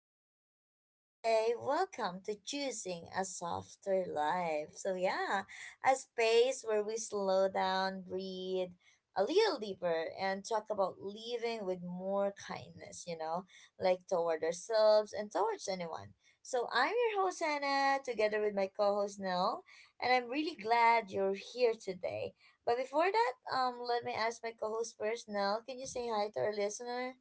Nell. And today, welcome to Choosing a Softer Life. So, yeah, a space where we slow down, breathe a little deeper, and talk about living with more kindness, like toward ourselves and towards anyone. So, I'm your host, Hannah, together with my co host, Nell, and I'm really glad you're here today, but before that, let me ask my co-host first. Nell, can you say hi to our listener?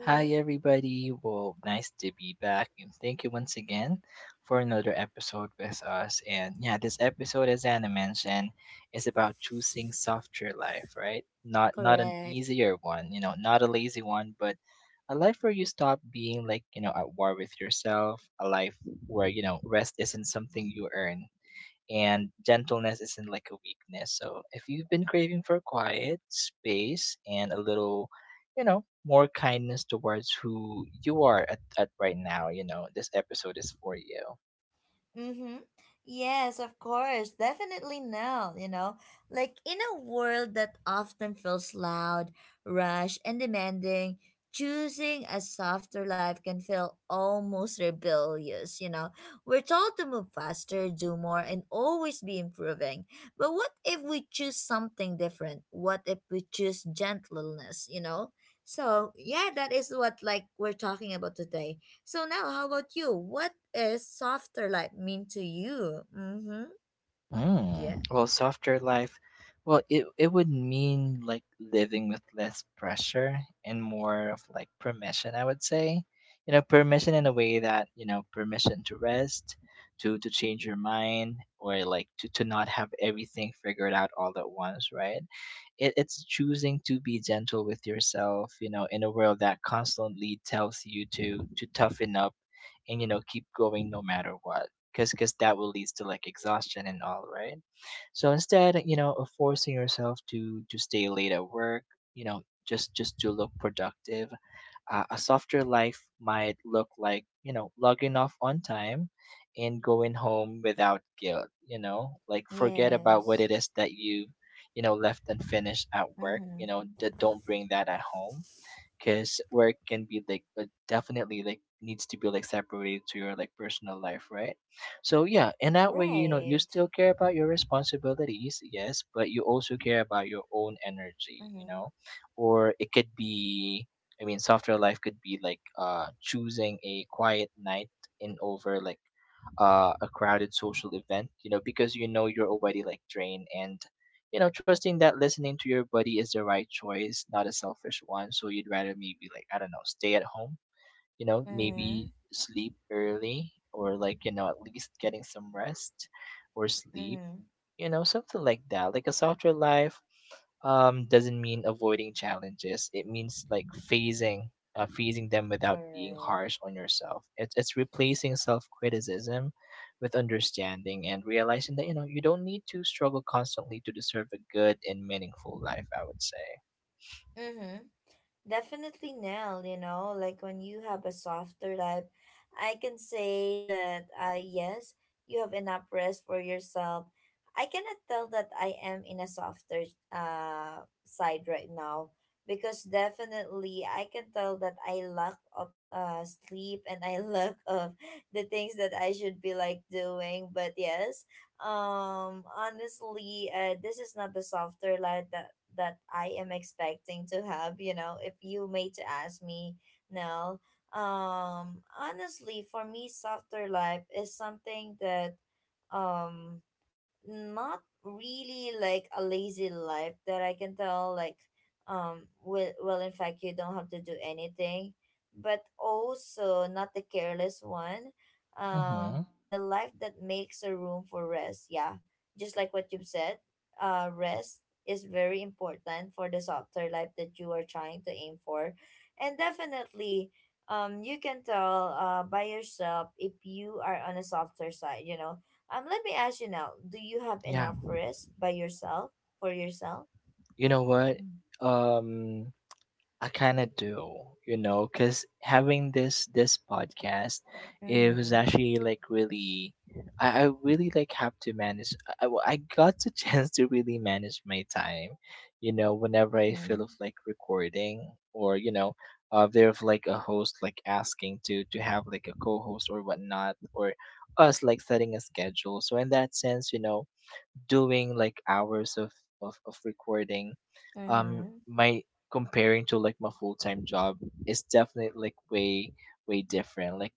Hi, everybody. Well, nice to be back, and thank you once again for another episode with us. And yeah, this episode, as Anna mentioned, is about choosing softer life, right? Not an Correct. easier one, you know, not a lazy one, but a life where you stop being like you know at war with yourself. A life where you know rest isn't something you earn, and gentleness isn't like a weakness. So if you've been craving for quiet space and a little, you know, more kindness towards who you are at right now, you know, this episode is for you. Mm-hmm. Yes, of course. Definitely now, you know. Like, in a world that often feels loud, rushed, and demanding, choosing a softer life can feel almost rebellious. We're told to move faster, do more, and always be improving. But what if we choose something different? What if we choose gentleness? So, yeah, that is what like we're talking about today. So now, how about you? What is softer life mean to you? Mm-hmm. Yeah. Well, softer life, well, it would mean like living with less pressure and more of like permission, I would say. You know, permission in a way that, you know, permission to rest, to change your mind, or like to not have everything figured out all at once, right? It's choosing to be gentle with yourself, you know, in a world that constantly tells you to toughen up and, you know, keep going no matter what because that will lead to like exhaustion and all right. So instead, you know, of forcing yourself to stay late at work, you know, just to look productive. A softer life might look like, you know, logging off on time and going home without guilt, you know, like forget about what it Yes. is that you know left unfinished at work, you know, Mm-hmm. Don't bring that at home because work can be like, but definitely like needs to be like separated to your like personal life, right? So yeah, in that way, you know, you Right. still care about your responsibilities, yes, but you also care about your own energy, you Mm-hmm. know. Or it could be, I mean, software life could be like choosing a quiet night in over like a crowded social event, you know, because you know you're already like drained and, you know, trusting that listening to your body is the right choice, not a selfish one. So you'd rather maybe like, I don't know, stay at home, you know, Mm-hmm. maybe sleep early or like, you know, at least getting some rest or sleep, Mm-hmm. you know, something like that. Like a softer life doesn't mean avoiding challenges. It means like phasing, phasing them without being Correct. harsh on yourself. It's replacing self-criticism with understanding and realizing that you know you don't need to struggle constantly to deserve a good and meaningful life, I would say. Mm-hmm. Definitely, Nell, like, when you have a softer life, I can say that, yes, you have enough rest for yourself. I cannot tell that I am in a softer side right now, because definitely I can tell that I lack of sleep, and I lack of the things that I should be like doing. But yes, honestly, this is not the softer light that I am expecting to have. You know, if you made to ask me now, honestly, for me, softer life is something that, um, not really like a lazy life that I can tell, like, well, in fact, you don't have to do anything, but also not the careless one, Hmm. but the life that makes a room for rest. Yeah, just like what you've said, rest is very important for the softer life that you are trying to aim for, and definitely you can tell by yourself if you are on a softer side, let me ask you now, do you have Yeah, enough rest by yourself for yourself? you know what, um I kind of do, you know, because having this podcast, it was Mm-hmm. actually like really, I really like have to manage. I well, I got the chance to really manage my time, you know, whenever I feel Mm-hmm. of like recording or you know, there of like a host like asking to have like a co-host or whatnot, or us like setting a schedule. So in that sense, you know, doing like hours of of recording Mm-hmm. my comparing to like my full-time job is definitely like way way different. Like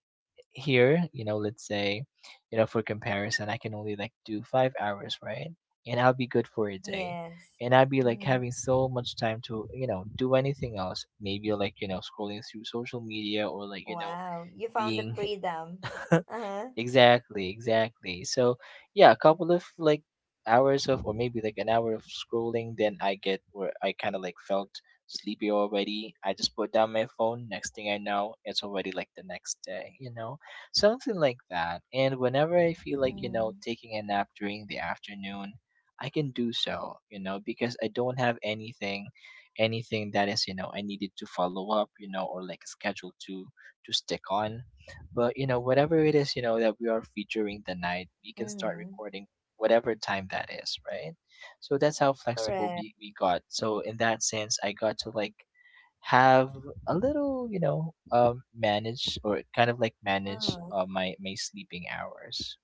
here, you know, let's say, you know, for comparison I can only like do 5 hours, right? And I'll be good for a day, Yes. and I'll be like Mm-hmm. having so much time to you know do anything else, maybe like, you know, scrolling through social media or like you know Wow. You found the being freedom. Uh-huh. Exactly, exactly. So yeah, a couple of like hours of or maybe like an hour of scrolling, then I get where I kinda like felt sleepy already. I just put down my phone, next thing I know, it's already like the next day, you know? Something like that. And whenever I feel like, you Mm-hmm. know, taking a nap during the afternoon, I can do so, you know, because I don't have anything anything that is, you know, I needed to follow up, you know, or like a schedule to stick on. But you know, whatever it is, you know, that we are featuring the night, we can start Mm-hmm. recording whatever time that is, right? So that's how flexible Correct. we got. So in that sense, I got to like have a little, you know, manage or kind of like manage, Uh-huh. My my sleeping hours.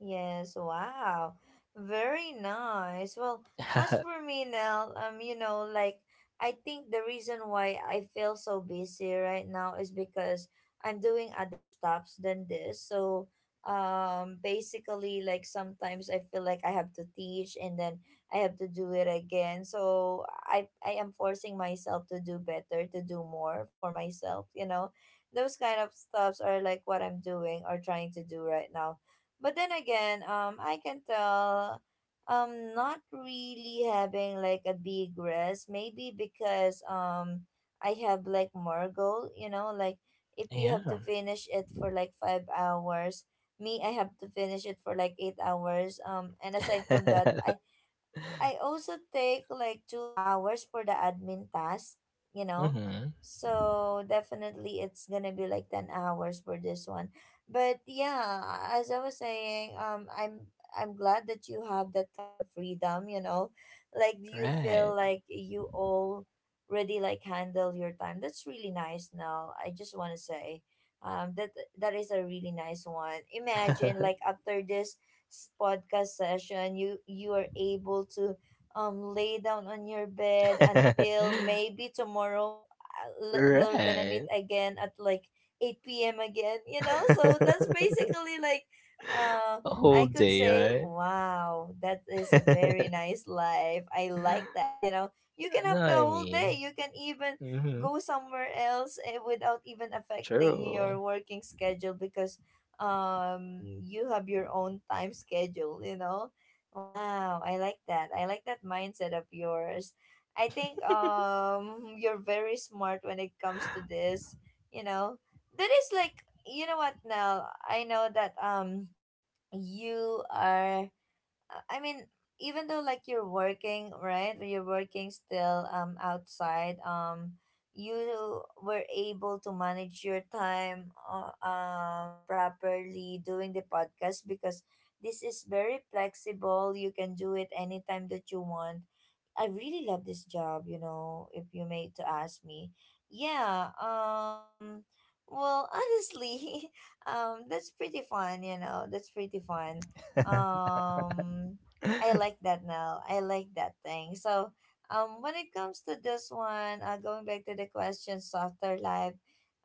Yes, wow. Very nice. Well, as Mhm. for me, Nell, like, I think the reason why I feel so busy right now is because I'm doing other stuffs than this. So, basically, like, sometimes I feel like I have to teach, and then I have to do it again. So I am forcing myself to do better, to do more for myself. Those kind of stuffs are like what I'm doing or trying to do right now, but then again, I can tell I'm not really having like a big rest. Maybe because I have like more goal, like, if you Yeah. have to finish it for like 5 hours, me I have to finish it for like 8 hours. And aside from that, I I also take like 2 hours for the admin task, you know. Mm-hmm. So definitely it's gonna be like 10 hours for this one. But yeah, as I was saying, I'm glad that you have that kind of freedom. Like, you feel Right. like you already like handle your time? That's really nice now. I just wanna say. Um that that is a really nice one. Imagine, like, after this podcast session you are able to lay down on your bed until maybe tomorrow. We're gonna meet Right. again at like 8 p.m. again, so that's basically like, uh A I whole could say, day, wow, that is a very right? nice life. I like that. You can No, have the I whole day. mean, You can even hmm, go somewhere else, without even affecting your true. working schedule, because you have your own time schedule. Wow, I like that. I like that mindset of yours. I think you're very smart when it comes to this. You know, that is like, you know what, now I know that you are, I mean, even though like you're working, right? when you're working still outside. You were able to manage your time properly doing the podcast, because this is very flexible. You can do it anytime that you want. I really love this job, if you may to ask me. Yeah, well, honestly, that's pretty fun, that's pretty fun. um I like that now. I like that thing. So when it comes to this one, going back to the question, softer life,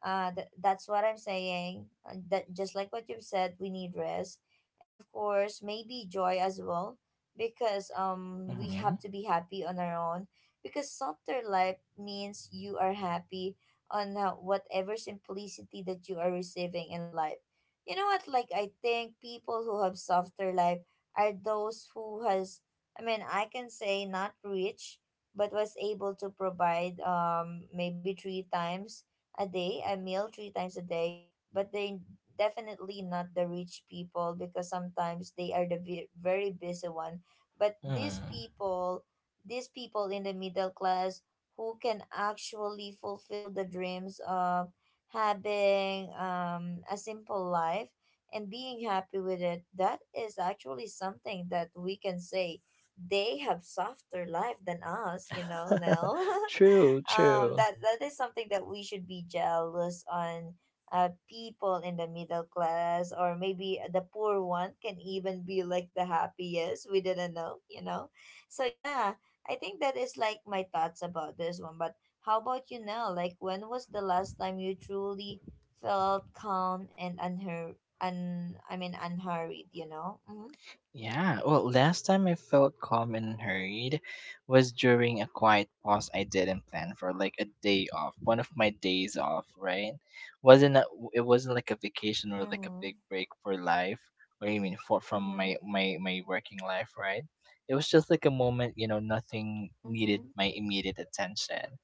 that's what I'm saying. That, just like what you've said, we need rest, and of course maybe joy as well, because we Hmm. have to be happy on our own, because softer life means you are happy on, whatever simplicity that you are receiving in life. You know what, like, I think people who have softer life are those who has, I mean, I can say not rich, but was able to provide maybe three times a day, a meal three times a day, but they definitely not the rich people, because sometimes they are the very busy one. But these Mm. people these people in the middle class, who can actually fulfill the dreams of having a simple life and being happy with it, that is actually something that we can say they have softer life than us, now. True, um true. that that is something that we should be jealous on, people in the middle class, or maybe the poor one can even be like the happiest we didn't know. So yeah, I think that is like my thoughts about this one. But how about you now, like, when was the last time you truly felt calm and unhur un I mean unhurried? Mm-hmm. Yeah, well, last time I felt calm and hurried was during a quiet pause I didn't plan for, like a day off, one of my days off, right? Wasn't a, it wasn't like a vacation or like a Mm-hmm. big break for life, or I mean, for from Mm-hmm. my my working life, right? It was just like a moment, you know, nothing needed Mm-hmm. my immediate attention.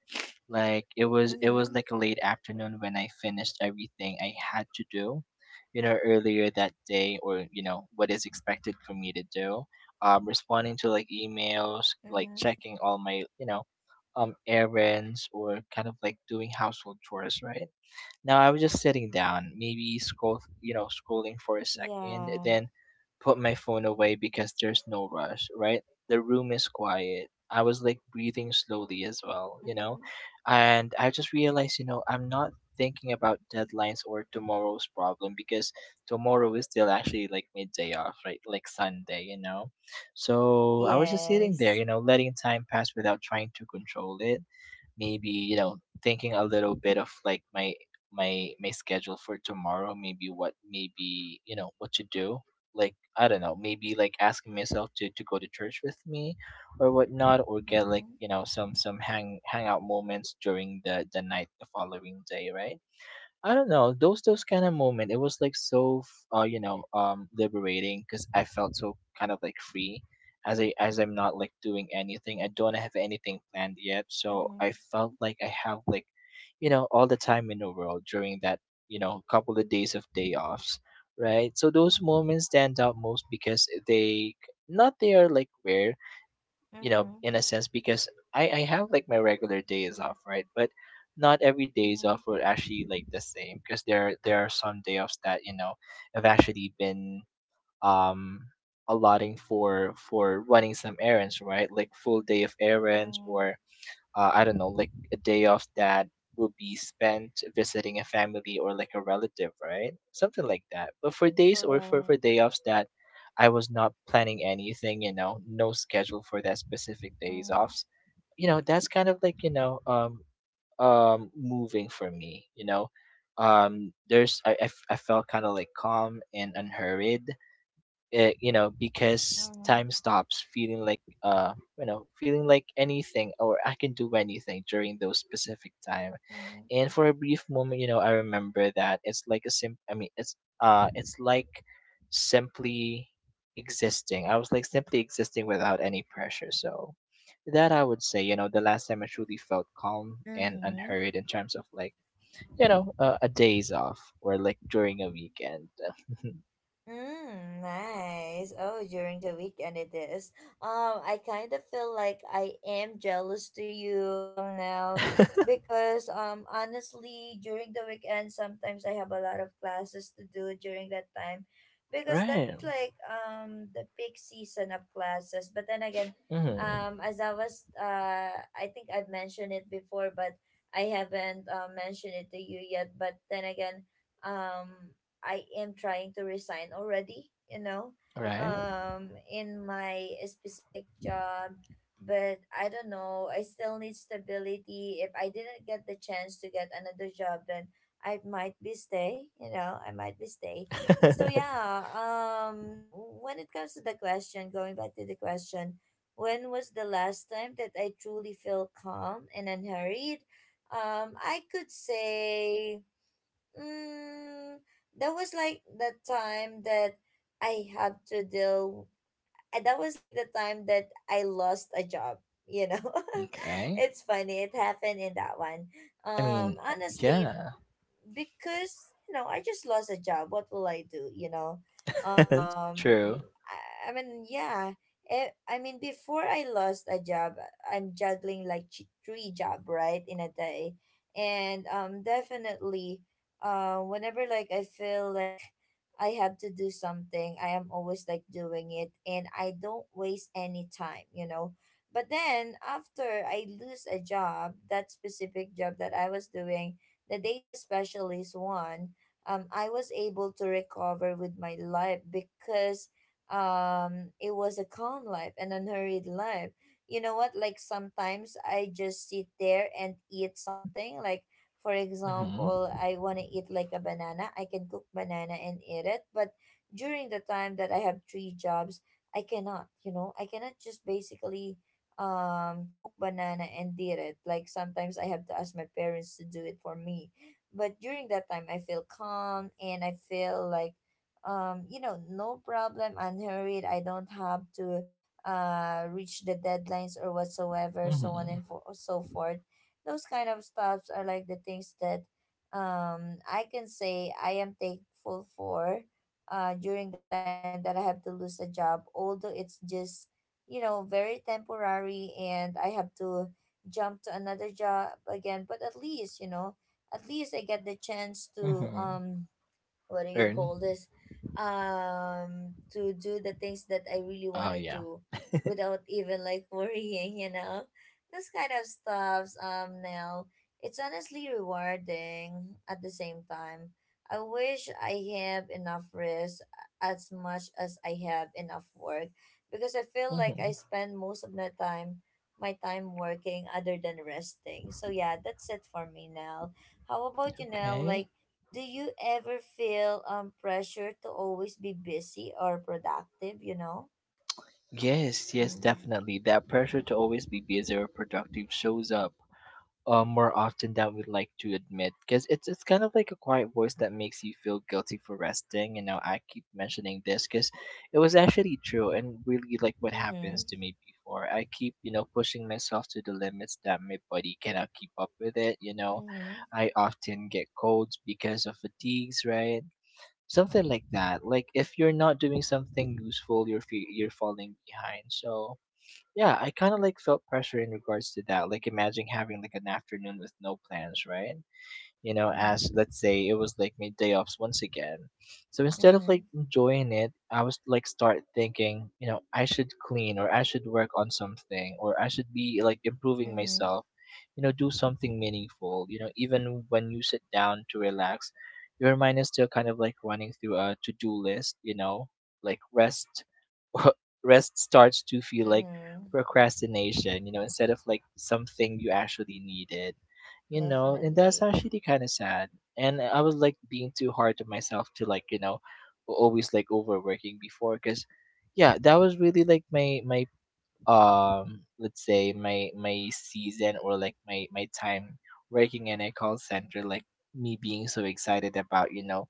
Like it was Mm-hmm. like a late afternoon when I finished everything I had to do, you know, earlier that day or, you know, what is expected for me to do. Responding to like emails, like Mm-hmm. checking all my, you know, errands or kind of like doing household chores, right? Now I was just sitting down, maybe scroll, you know, scrolling for a second, Yeah. then put my phone away because there's no rush, right? The room is quiet. I was like breathing slowly as well, you know, Mm-hmm. and I just realized, you know, I'm not thinking about deadlines or tomorrow's problem because tomorrow is still actually like midday off, right? Like Sunday, you know? So I was just sitting there, Yes. you know, letting time pass without trying to control it. Maybe, you know, thinking a little bit of like my my schedule for tomorrow, maybe what maybe, you know, what to do. Like I don't know, maybe like asking myself to go to church with me or whatnot, or get like Mm-hmm. you know some hangout moments during the night the following day, right? I don't know those kind of moment. It was like so you know liberating because I felt so kind of like free as I as I'm not like doing anything. I don't have anything planned yet, so Mm-hmm. I felt like I have like you know all the time in the world during that you know couple of days of day offs, right? So those moments stand out most because they not they are like rare, you know, Mm-hmm. in a sense, because I have like my regular days off, right? But not every days Mm-hmm. off were actually like the same because there are some day offs that, you know, have actually been um allotting for running some errands, right? Like full day of errands Mm-hmm. or I don't know, like a day off that will be spent visiting a family or like a relative, right? Something like that. But for days or for, Correct. for day offs that I was not planning anything, you know, no schedule for that specific days Mm-hmm. offs, you know, that's kind of like, you know, moving for me, you know. There's I, f- I felt kind of like calm and unhurried, you know, because Mm-hmm. time stops feeling like you know feeling like anything, or I can do anything during those specific time. And for a brief moment, you know, I remember that it's like a sim I mean it's like simply existing. I was like simply existing without any pressure. So that I would say, you know, the last time I truly felt calm and Mm-hmm. unhurried in terms of like, you know, a days off or like during a weekend. Mm, nice. Oh, during the weekend, it is. I kind of feel like I am jealous to you now, because honestly during the weekend sometimes I have a lot of classes to do during that time, because that Right. is like the peak season of classes. But then again, Hmm. As I was I think I've mentioned it before, but I haven't mentioned it to you yet. But then again, um I am trying to resign already, Right? In my specific job. But I don't know, I still need stability. If I didn't get the chance to get another job, then I might be stay, I might be stay. So yeah, when it comes to the question, going back to the question, when was the last time that I truly feel calm and unhurried? I could say, Mm, that was like the time that I had to deal. That was like the time that I lost a job. You know, Okay. it's funny. It happened in that one. I mean, Honestly, yeah. because I just lost a job. What will I do? True. I mean, yeah. I mean, before I lost a job, I'm juggling like three job right in a day, and definitely, whenever like I feel like I have to do something, I am always like doing it, and I don't waste any time. You know. But then after I lose a job, that specific job that I was doing, the data specialist one, I was able to recover with my life, because it was a calm life, an unhurried life. You know what? Like, sometimes I just sit there and eat something. Like, for Mm-hmm. example, I want to eat like a banana. I can cook banana and eat it. But during the time that I have three jobs, I cannot just basically cook banana and did it. Like, sometimes I have to ask my parents to do it for me. But during that time I feel calm, and I feel like, no problem, unhurried. I don't have to reach the deadlines or whatsoever, so on Mm-hmm. and for, so forth. Those kind of stuffs are like the things that I can say I am thankful for, during the time that I have to lose a job. Although it's just, very temporary, and I have to jump to another job again. But at least, at least I get the chance to, Mm-hmm. What do you Earn. call this, to do the things that I really want Oh to yeah. do without even like worrying, this kind of stuffs, now it's honestly rewarding at the same time. I wish I have enough rest as much as I have enough work, because I feel like I Mm-hmm. spend most of my time, working other than resting. So yeah, that's it for me now. How about you, Nell? Okay. Like, do you ever feel pressure to always be busy or productive, you know? Yes, yes, Mm-hmm. definitely. That pressure to always be busy or productive shows up, more often than we'd like to admit because it's kind of like a quiet voice that makes you feel guilty for resting. You know, I keep mentioning this because it was actually true and really like what happens Mm-hmm. to me before. I keep you know pushing myself to the limits that my body cannot keep up with it. You know, Mm-hmm. I often get colds because of fatigues, right? Something like that. Like if you're not doing something useful, you're you're falling behind. So yeah, I kind of like felt pressure in regards to that. Like imagine having like an afternoon with no plans, right? You know, as let's say it was like my day offs once again. So instead of Mm-hmm. like enjoying it, I was like start thinking, you know, I should clean or I should work on something or I should be like Mm-hmm. improving Mm-hmm. myself, you know, do something meaningful. You know, even when you sit down to relax, your mind is still kind of like running through a to do list, like rest rest starts to feel like Mm-hmm. procrastination, you know, instead of like something you actually needed. And that's Definitely. actually kind of sad. And I was like being too hard to myself to like you know always like overworking before because yeah, that was really like my let's say my season or like my time working in a call center like me being so excited about you know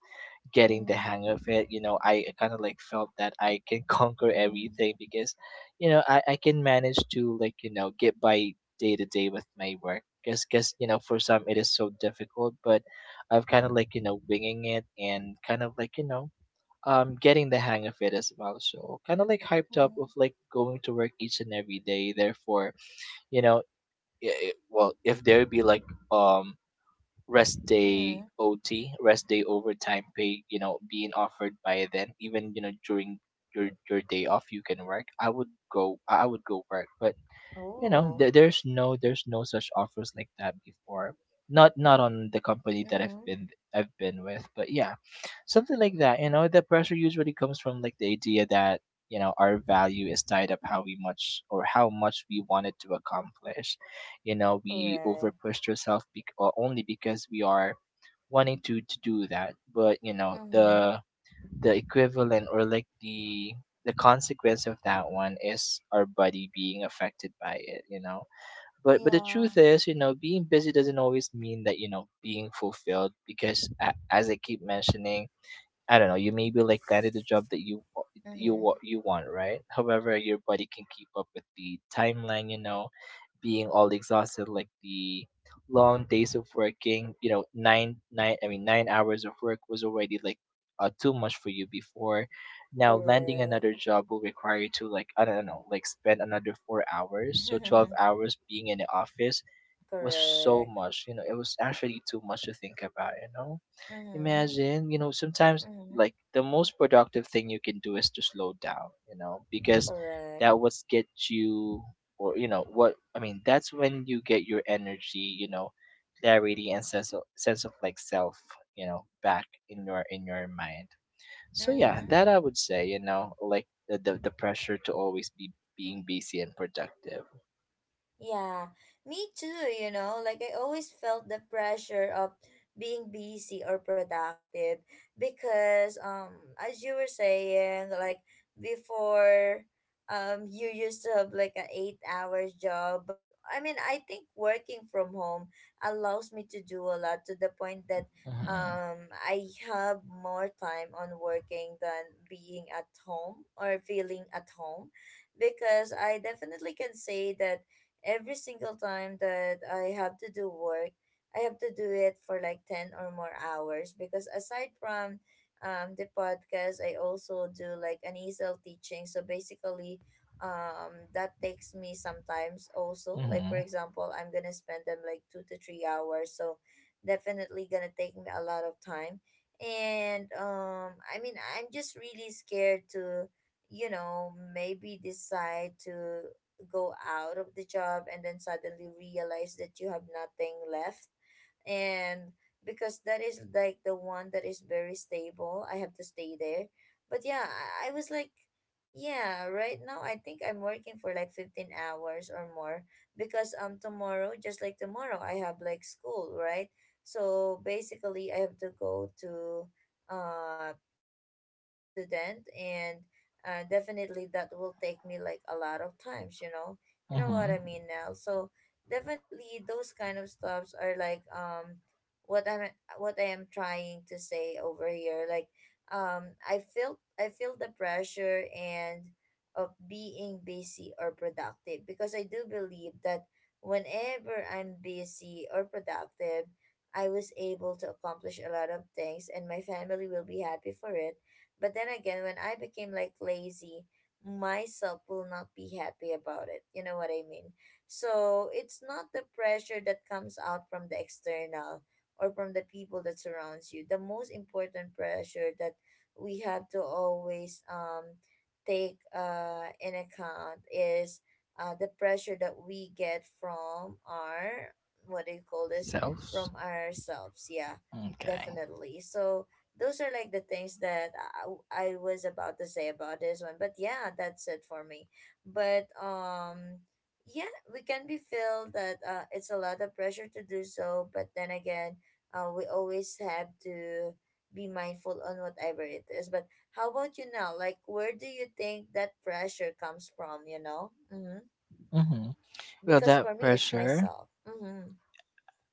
getting the Mm-hmm. hang of it. You know, I kind of like felt that I can conquer Mm-hmm. everything because you know I can manage to like you know get by day to day with my work because you know for some it is so difficult, but I've kind of like you know winging it and kind of like you know getting the hang of it as well, so kind of like hyped up Mm-hmm. of like going to work each and every day. Therefore, you know, well if there be like um rest day Mm-hmm. OT, rest day overtime pay, you know, being offered by then, even you know during your day off you can work. I would go work, but you know Oh. There's no such offers like that before, not not on the company that I've Mm-hmm. been, I've been with, but yeah, something like that. You know, the pressure usually comes from like the idea that you know our value is tied up how we much or how much we wanted to accomplish. You know, we over Correct. pushed ourselves or only because we are wanting to do that. But you know Mm-hmm. The equivalent or like the consequence of that one is our body being affected by it, you know. But the Yeah. truth is you know being busy doesn't always mean that you know being fulfilled, because as I keep mentioning, I don't know, you maybe like landed a job that Mm-hmm. You want, right? However, your body can keep up with the timeline, you know, being all exhausted, like the long days of working, you know, 9 hours of work was already like too much for you before. Now, landing Correct. another job will require you to, like, I don't know, like spend another 4 hours. So, 12 hours being in the office was so Correct. much, you know. It was actually too much to think about, you know? Mm-hmm. Imagine, you know, sometimes Mm-hmm. like the most productive thing you can do is to slow down, you know, because Correct. that was get you, or you know what I mean, that's when you get your energy, you know, clarity and sense of like self, you know, back in your mind. So yeah, Mm-hmm. that I would say, you know, like the pressure to always be being busy and productive. Yeah, me too, you know. Like, I always felt the pressure of being busy or productive because as you were saying, like before, you used to have like an 8 hours job. But I mean, I think working from home allows me to do a lot, to the point that Mm-hmm. I have more time on working than being at home or feeling at home, because I definitely can say that every single time that I have to do work, I have to do it for like 10 or more hours, because aside from the podcast, I also do like an ESL teaching. So basically, that takes me sometimes also. Like, for Mm-hmm. example, I'm going to spend them like 2 to 3 hours. So definitely going to take me a lot of time. And I mean, I'm just really scared to, you know, maybe decide to go out of the job and then suddenly realize that you have nothing left, and because that is like the one that is very stable. I have to stay there. But yeah, I was like, yeah, right now I think I'm working for like 15 hours or more, because tomorrow, just like tomorrow, I have like school, right? So basically, I have to go to teach my student. And definitely that will take me like a lot of times, you know, you know what Mm-hmm. I mean now. So definitely, those kind of stuffs are like, what I'm, what I am trying to say over here, like, I feel the pressure and of being busy or productive, because I do believe that whenever I'm busy or productive, I was able to accomplish a lot of things and my family will be happy for it. But then again, when I became like lazy, myself will not be happy about it, you know what I mean. So it's not the pressure that comes out from the external, or from the people that surrounds you. The most important pressure that we have to always take in account is the pressure that we get from our, what do you call this, Self. from ourselves. Yeah, Okay. definitely. So those are like the things that I was about to say about this one. But yeah, that's it for me. But yeah, we can be feel that, it's a lot of pressure to do so. But then again, we always have to be mindful on whatever it is. But how about you now? Like, where do you think that pressure comes from? You know. Mm-hmm. Mm-hmm. Well, Because for that me, it's pressure, myself. Mm-hmm.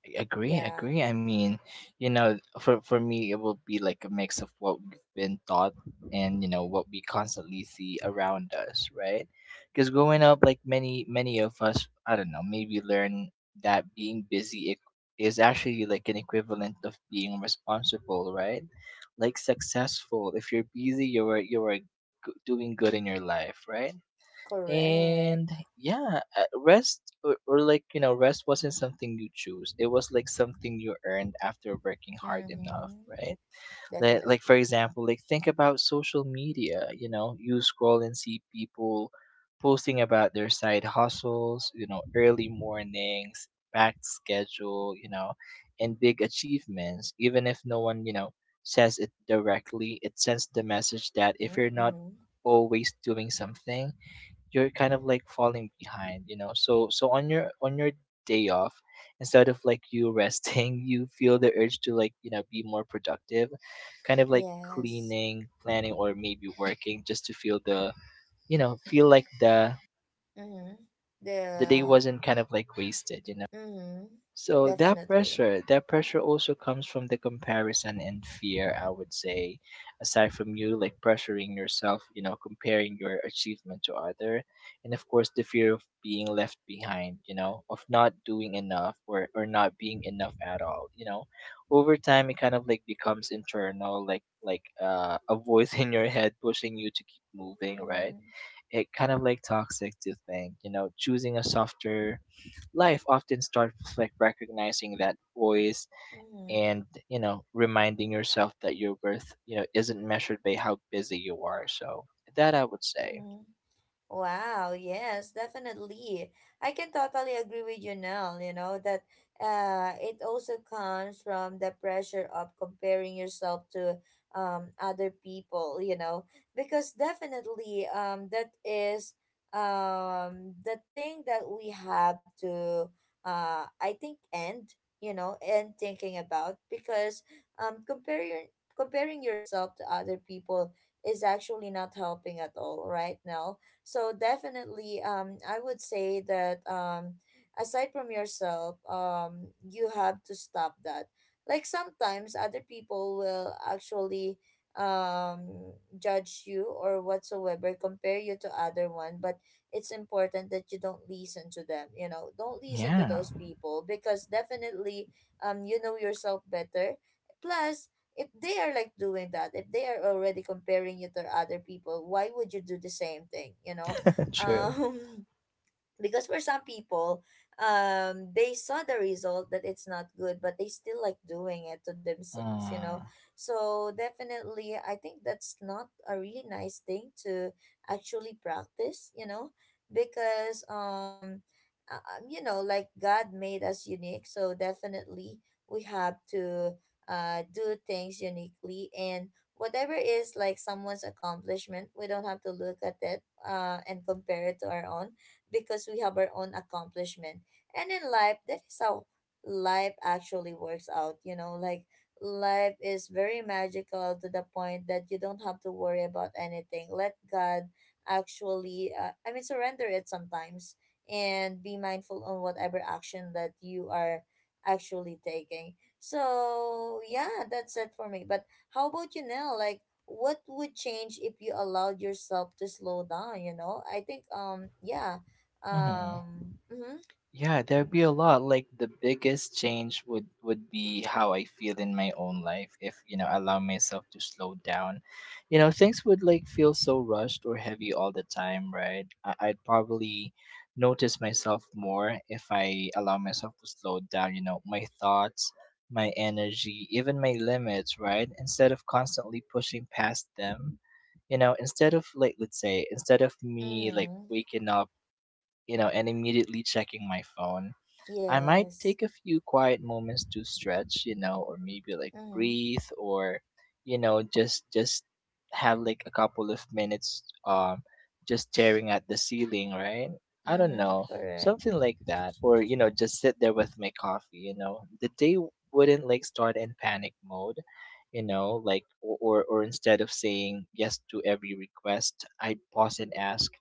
I agree, Yeah, I mean, you know, for me, it will be like a mix of what we've been taught and you know what we constantly see around us, right? Because growing up, like many of us, I don't know, maybe learn that being is actually like an equivalent of being responsible, right? Like successful. If you're busy, you're like, doing good in your life, right? And correct. yeah, or like you know rest wasn't something you choose, it was like something you earned after working hard enough, Mm-hmm. right? Like, Definitely. for example, like think about social media. You know, you scroll and see people posting about their side hustles, you know, early mornings, packed schedule, you know, and big achievements, even if no one you know says it directly, it sends the message that if you're Mm-hmm. not Mm-hmm. always doing something, you're kind of like falling behind, you know. So on your day off, instead of like you resting, you feel the urge to like you know be more productive, kind of like Yes. cleaning, planning, or maybe working just to feel the you know feel like Mm-hmm. the day The. wasn't kind of like wasted, you know. Mm-hmm. So Definitely. That pressure also comes from the comparison and fear, I would say, aside from you like pressuring yourself, you know, comparing your achievement to other, and of course the fear of being left behind, you know, of not doing enough or not being enough at all, you know. Over time it kind of like becomes internal, like a voice in your head pushing you to keep moving, right? Mm-hmm. It kind of like toxic to think, you know, choosing a softer life often starts with like recognizing that voice, Mm-hmm. and you know reminding yourself that your worth you know isn't measured by how busy you are. So that I would say. Mm-hmm. Wow, yes, definitely. I can totally agree with you now, you know, that it also comes from the pressure of comparing yourself to other people, you know. Because definitely, that is the thing that we have to, I think, end, you know, end thinking about, because um comparing comparing yourself to other people is actually not helping at all right now. So definitely, I would say that, aside from yourself, you have to stop that. Like, sometimes other people will actually judge you or whatsoever, compare you to other one. But it's important that you don't listen to them, you know, don't listen to Yeah. those people, because definitely, you know yourself better. Plus, if they are like doing that, if they are already comparing you to other people, why would you do the same thing, you know? True. um because for some people, they saw the result that it's not good, but they still like doing it to themselves, you know. Mm-hmm. So definitely I think that's not a really nice thing to actually practice, you know. Because you know, like, god made us unique. So definitely we have to do things uniquely. And whatever is like someone's accomplishment, we don't have to look at it and compare it to our own, because we have our own accomplishment. And in life, that is how life actually works out, you know. Like, life is very magical to the point that you don't have to worry about anything. Let God actually, I mean, surrender it sometimes, and be mindful on whatever action that you are actually taking. So yeah, that's it for me. But how about you now? Like, what would change if you allowed yourself to slow down, you know? I think yeah, Mm-hmm. Yeah, there'd be a lot. Like the biggest change would be how I feel in my own life if, you know, allow myself to slow down. You know, things would like feel so rushed or heavy all the time, right? I'd probably notice myself more if I allow myself to slow down, you know, my thoughts, my energy, even my limits, right? Instead of constantly pushing past them. You know, instead of like let's say, instead of me like Mm-hmm. waking up, you know, and immediately checking my phone. I might Yes. take a few quiet moments to stretch, you know, or maybe like Mm-hmm. breathe, or you know just have like a couple of minutes just staring at the ceiling, right? I don't Mm-hmm. know, Correct. something like that, or you know just sit there with my coffee, you know. The day wouldn't like start in panic mode, you know, like or instead of saying yes to every request, I pause and ask,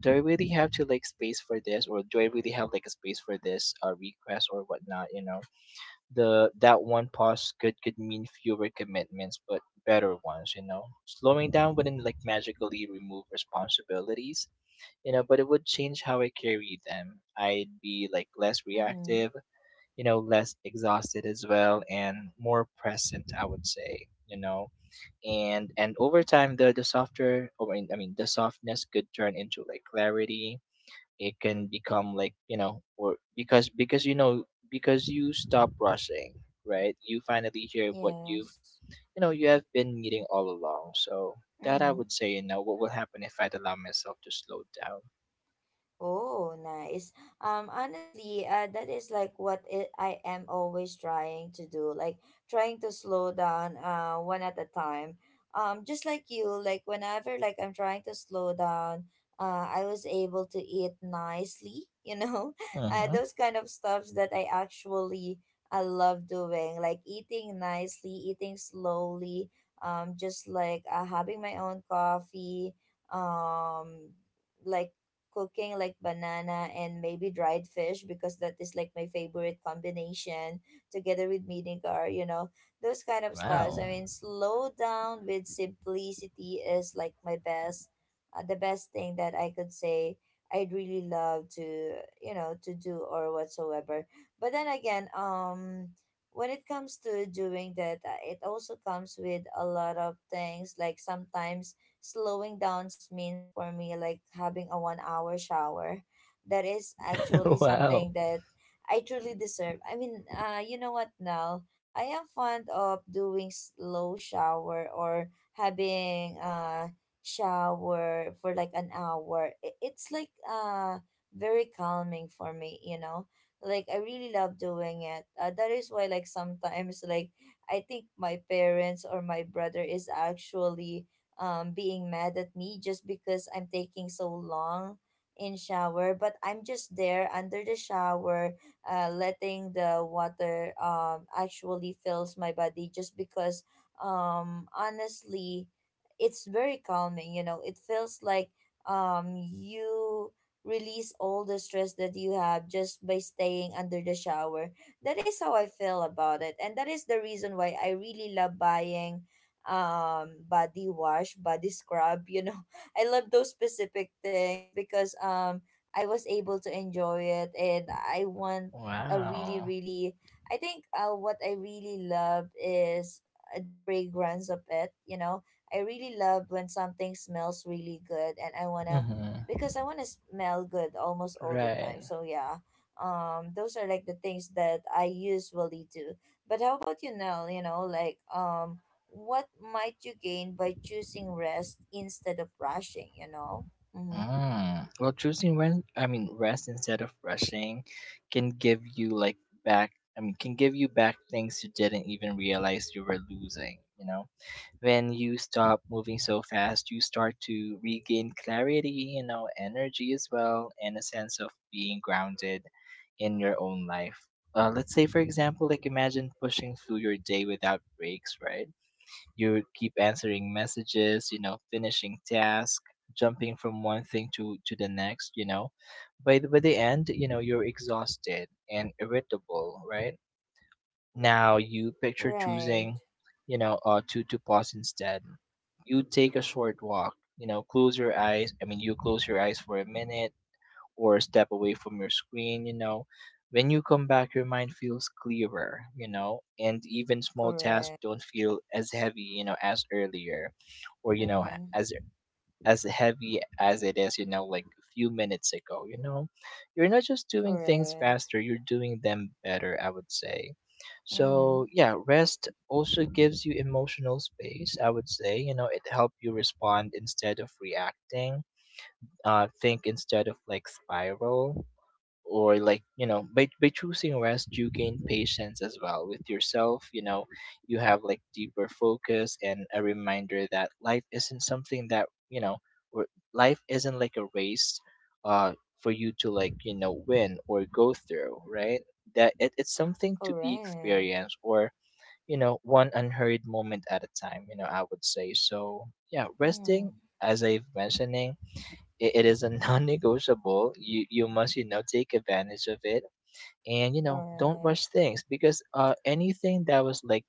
do I really have to like space for this, or do I really have like a space for this request or whatnot, you know. The that one pause could mean fewer commitments but better ones, you know. Slowing down wouldn't like magically remove responsibilities, you know, but it would change how I carry them. I'd be like less Mm-hmm. reactive, you know, less exhausted as well and more present, I would say, you know. And over time the softer, or I mean, the softness could turn into like clarity. It can become like you know or because you know because you stop rushing, right? You finally hear what you've Yes. you know you have been needing all along. So that I Mm-hmm. would say, you know, what will happen if I'd allow myself to slow down. Oh, nice. Honestly, that is like what it, I am always trying to do, like trying to slow down, one at a time. Just like you, like whenever like I'm trying to slow down, I was able to eat nicely, you know. Mm-hmm. Those kind of stuffs that I actually I love doing, like eating nicely, eating slowly, just like, having my own coffee, um, like cooking like banana and maybe dried fish, because that is like my favorite combination together with minigar, you know, those kind of stuffs. I Wow. mean, slow down with simplicity is like my best, the best thing that I could say I'd really love to, you know, to do or whatsoever. But then again, when it comes to doing that, it also comes with a lot of things. Like, sometimes slowing down means for me like having a 1-hour shower. That is actually Wow. something that I truly deserve. I mean, you know what, Nell? I am fond of doing slow shower, or having shower for like an hour. It's like very calming for me, you know? Like, I really love doing it. That is why like sometimes, like I think my parents or my brother is actually, being mad at me just because I'm taking so long in shower. But I'm just there under the shower, letting the water, actually fills my body, just because, honestly, it's very calming, you know. It feels like, you release all the stress that you have just by staying under the shower. That is how I feel about it. And that is the reason why I really love buying body wash, body scrub, you know. I love those specific things because I was able to enjoy it. And I want a really, Wow. really, I think, what I really love is, the fragrance of it, you know. I really love when something smells really good, and I want to, Mm-hmm. because I want to smell good almost all the time. Right. So yeah, those are like the things that I usually do. But how about you, Nell? You know, like, what might you gain by choosing rest instead of rushing, you know? Mm-hmm. Mm. Well, choosing when I mean rest instead of rushing can give you like back can give you back things you didn't even realize you were losing, you know. When you stop moving so fast, you start to regain clarity, you know, energy as well, and a sense of being grounded in your own life. Let's say, for example, like imagine pushing through your day without breaks, right? You keep answering messages, you know, finishing tasks, jumping from one thing to the next, you know. By by the end, you know, you're exhausted and irritable, right? Now you picture Right. choosing, you know, to pause instead. You take a short walk. You know, close your eyes. I mean, you close your eyes for a minute or step away from your screen. You know, when you come back, your mind feels clearer. You know, and even small tasks Correct. don't feel as heavy. You know, as earlier, or you know, Mm-hmm. as heavy as it is, you know, like a few minutes ago, you know, you're not just doing things Correct. faster, you're doing them better, I would say. Mm-hmm. So yeah, rest also gives you emotional space, I would say. You know, it helps you respond instead of reacting, think instead of like spiral, or like you know by choosing rest you gain patience as well with yourself, you know. You have like deeper focus and a reminder that life isn't something that you know or life isn't like a race uh for you to like you know win or go through, right? That it's something to be Correct. experienced, or you know one unhurried moment at a time, you know, I would say. So yeah, resting, Mm-hmm. as I've mentioning, it is a non-negotiable. You must you know take advantage of it, and you know don't Correct. rush things, because anything that was like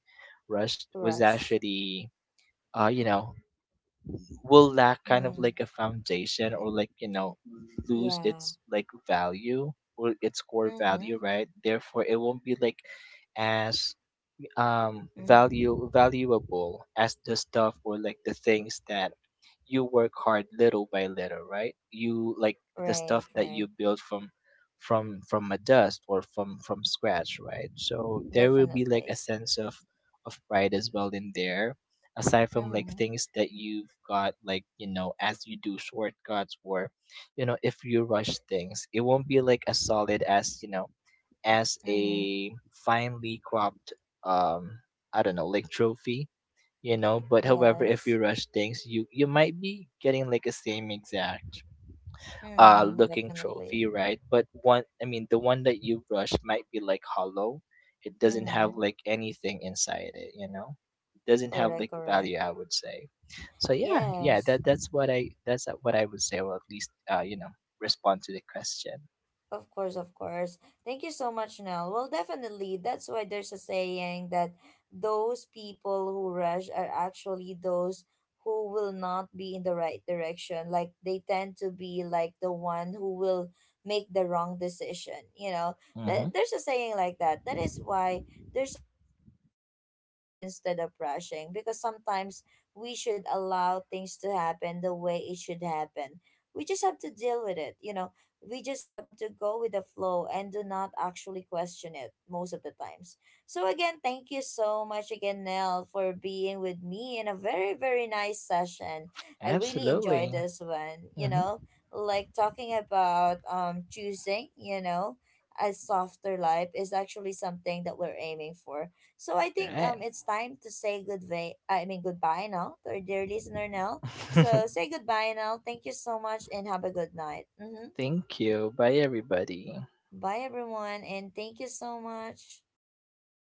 rushed was Rushed. actually you know will lack kind of Mm. like a foundation, or like you know lose Yeah. its like value, or its core Mm-hmm. value, right? Therefore it won't be like as Mm-hmm. value valuable as the stuff or like the things that you work hard little by little, right? You like the Right, stuff that right. you build from from a dust, or from scratch, right? So there will be like Definitely. a sense of pride as well in there, aside from like Mm-hmm. things that you've got like you know as you do shortcuts, or you know if you rush things it won't be like as solid as you know as Mm-hmm. a finely cropped um I don't know, like trophy, you know. But however, if Yes. you rush things, you might be getting like a same exact Mm, looking definitely. trophy, right? But one the one that you rush might be like hollow, it doesn't Mm-hmm. have like anything inside it, you know. It doesn't have Correct, like correct. value, I would say. So yeah, Yes. That's what I would say, or at least you know respond to the question. Of course, of course. Thank you so much, Nell. Well, definitely. That's why there's a saying that those people who rush are actually those who will not be in the right direction. Like, they tend to be like the one who will make the wrong decision, you know. Mm-hmm. There's a saying like that. That is why there's a beauty in resting instead of rushing, because sometimes we should allow things to happen the way it should happen. We just have to deal with it, you know. We just have to go with the flow and do not actually question it most of the times. So again, thank you so much again, Nell, for being with me in a very, very nice session. I really enjoyed Absolutely. this one, you Mm-hmm. know, like talking about, choosing, you know, a softer life is actually something that we're aiming for. So I think Right. it's time to say goodbye, I mean, goodbye now, to our dear listener Nell. So say goodbye now. Thank you so much, and have a good night. Mm-hmm. Thank you. Bye, everybody. Bye, everyone, and thank you so much.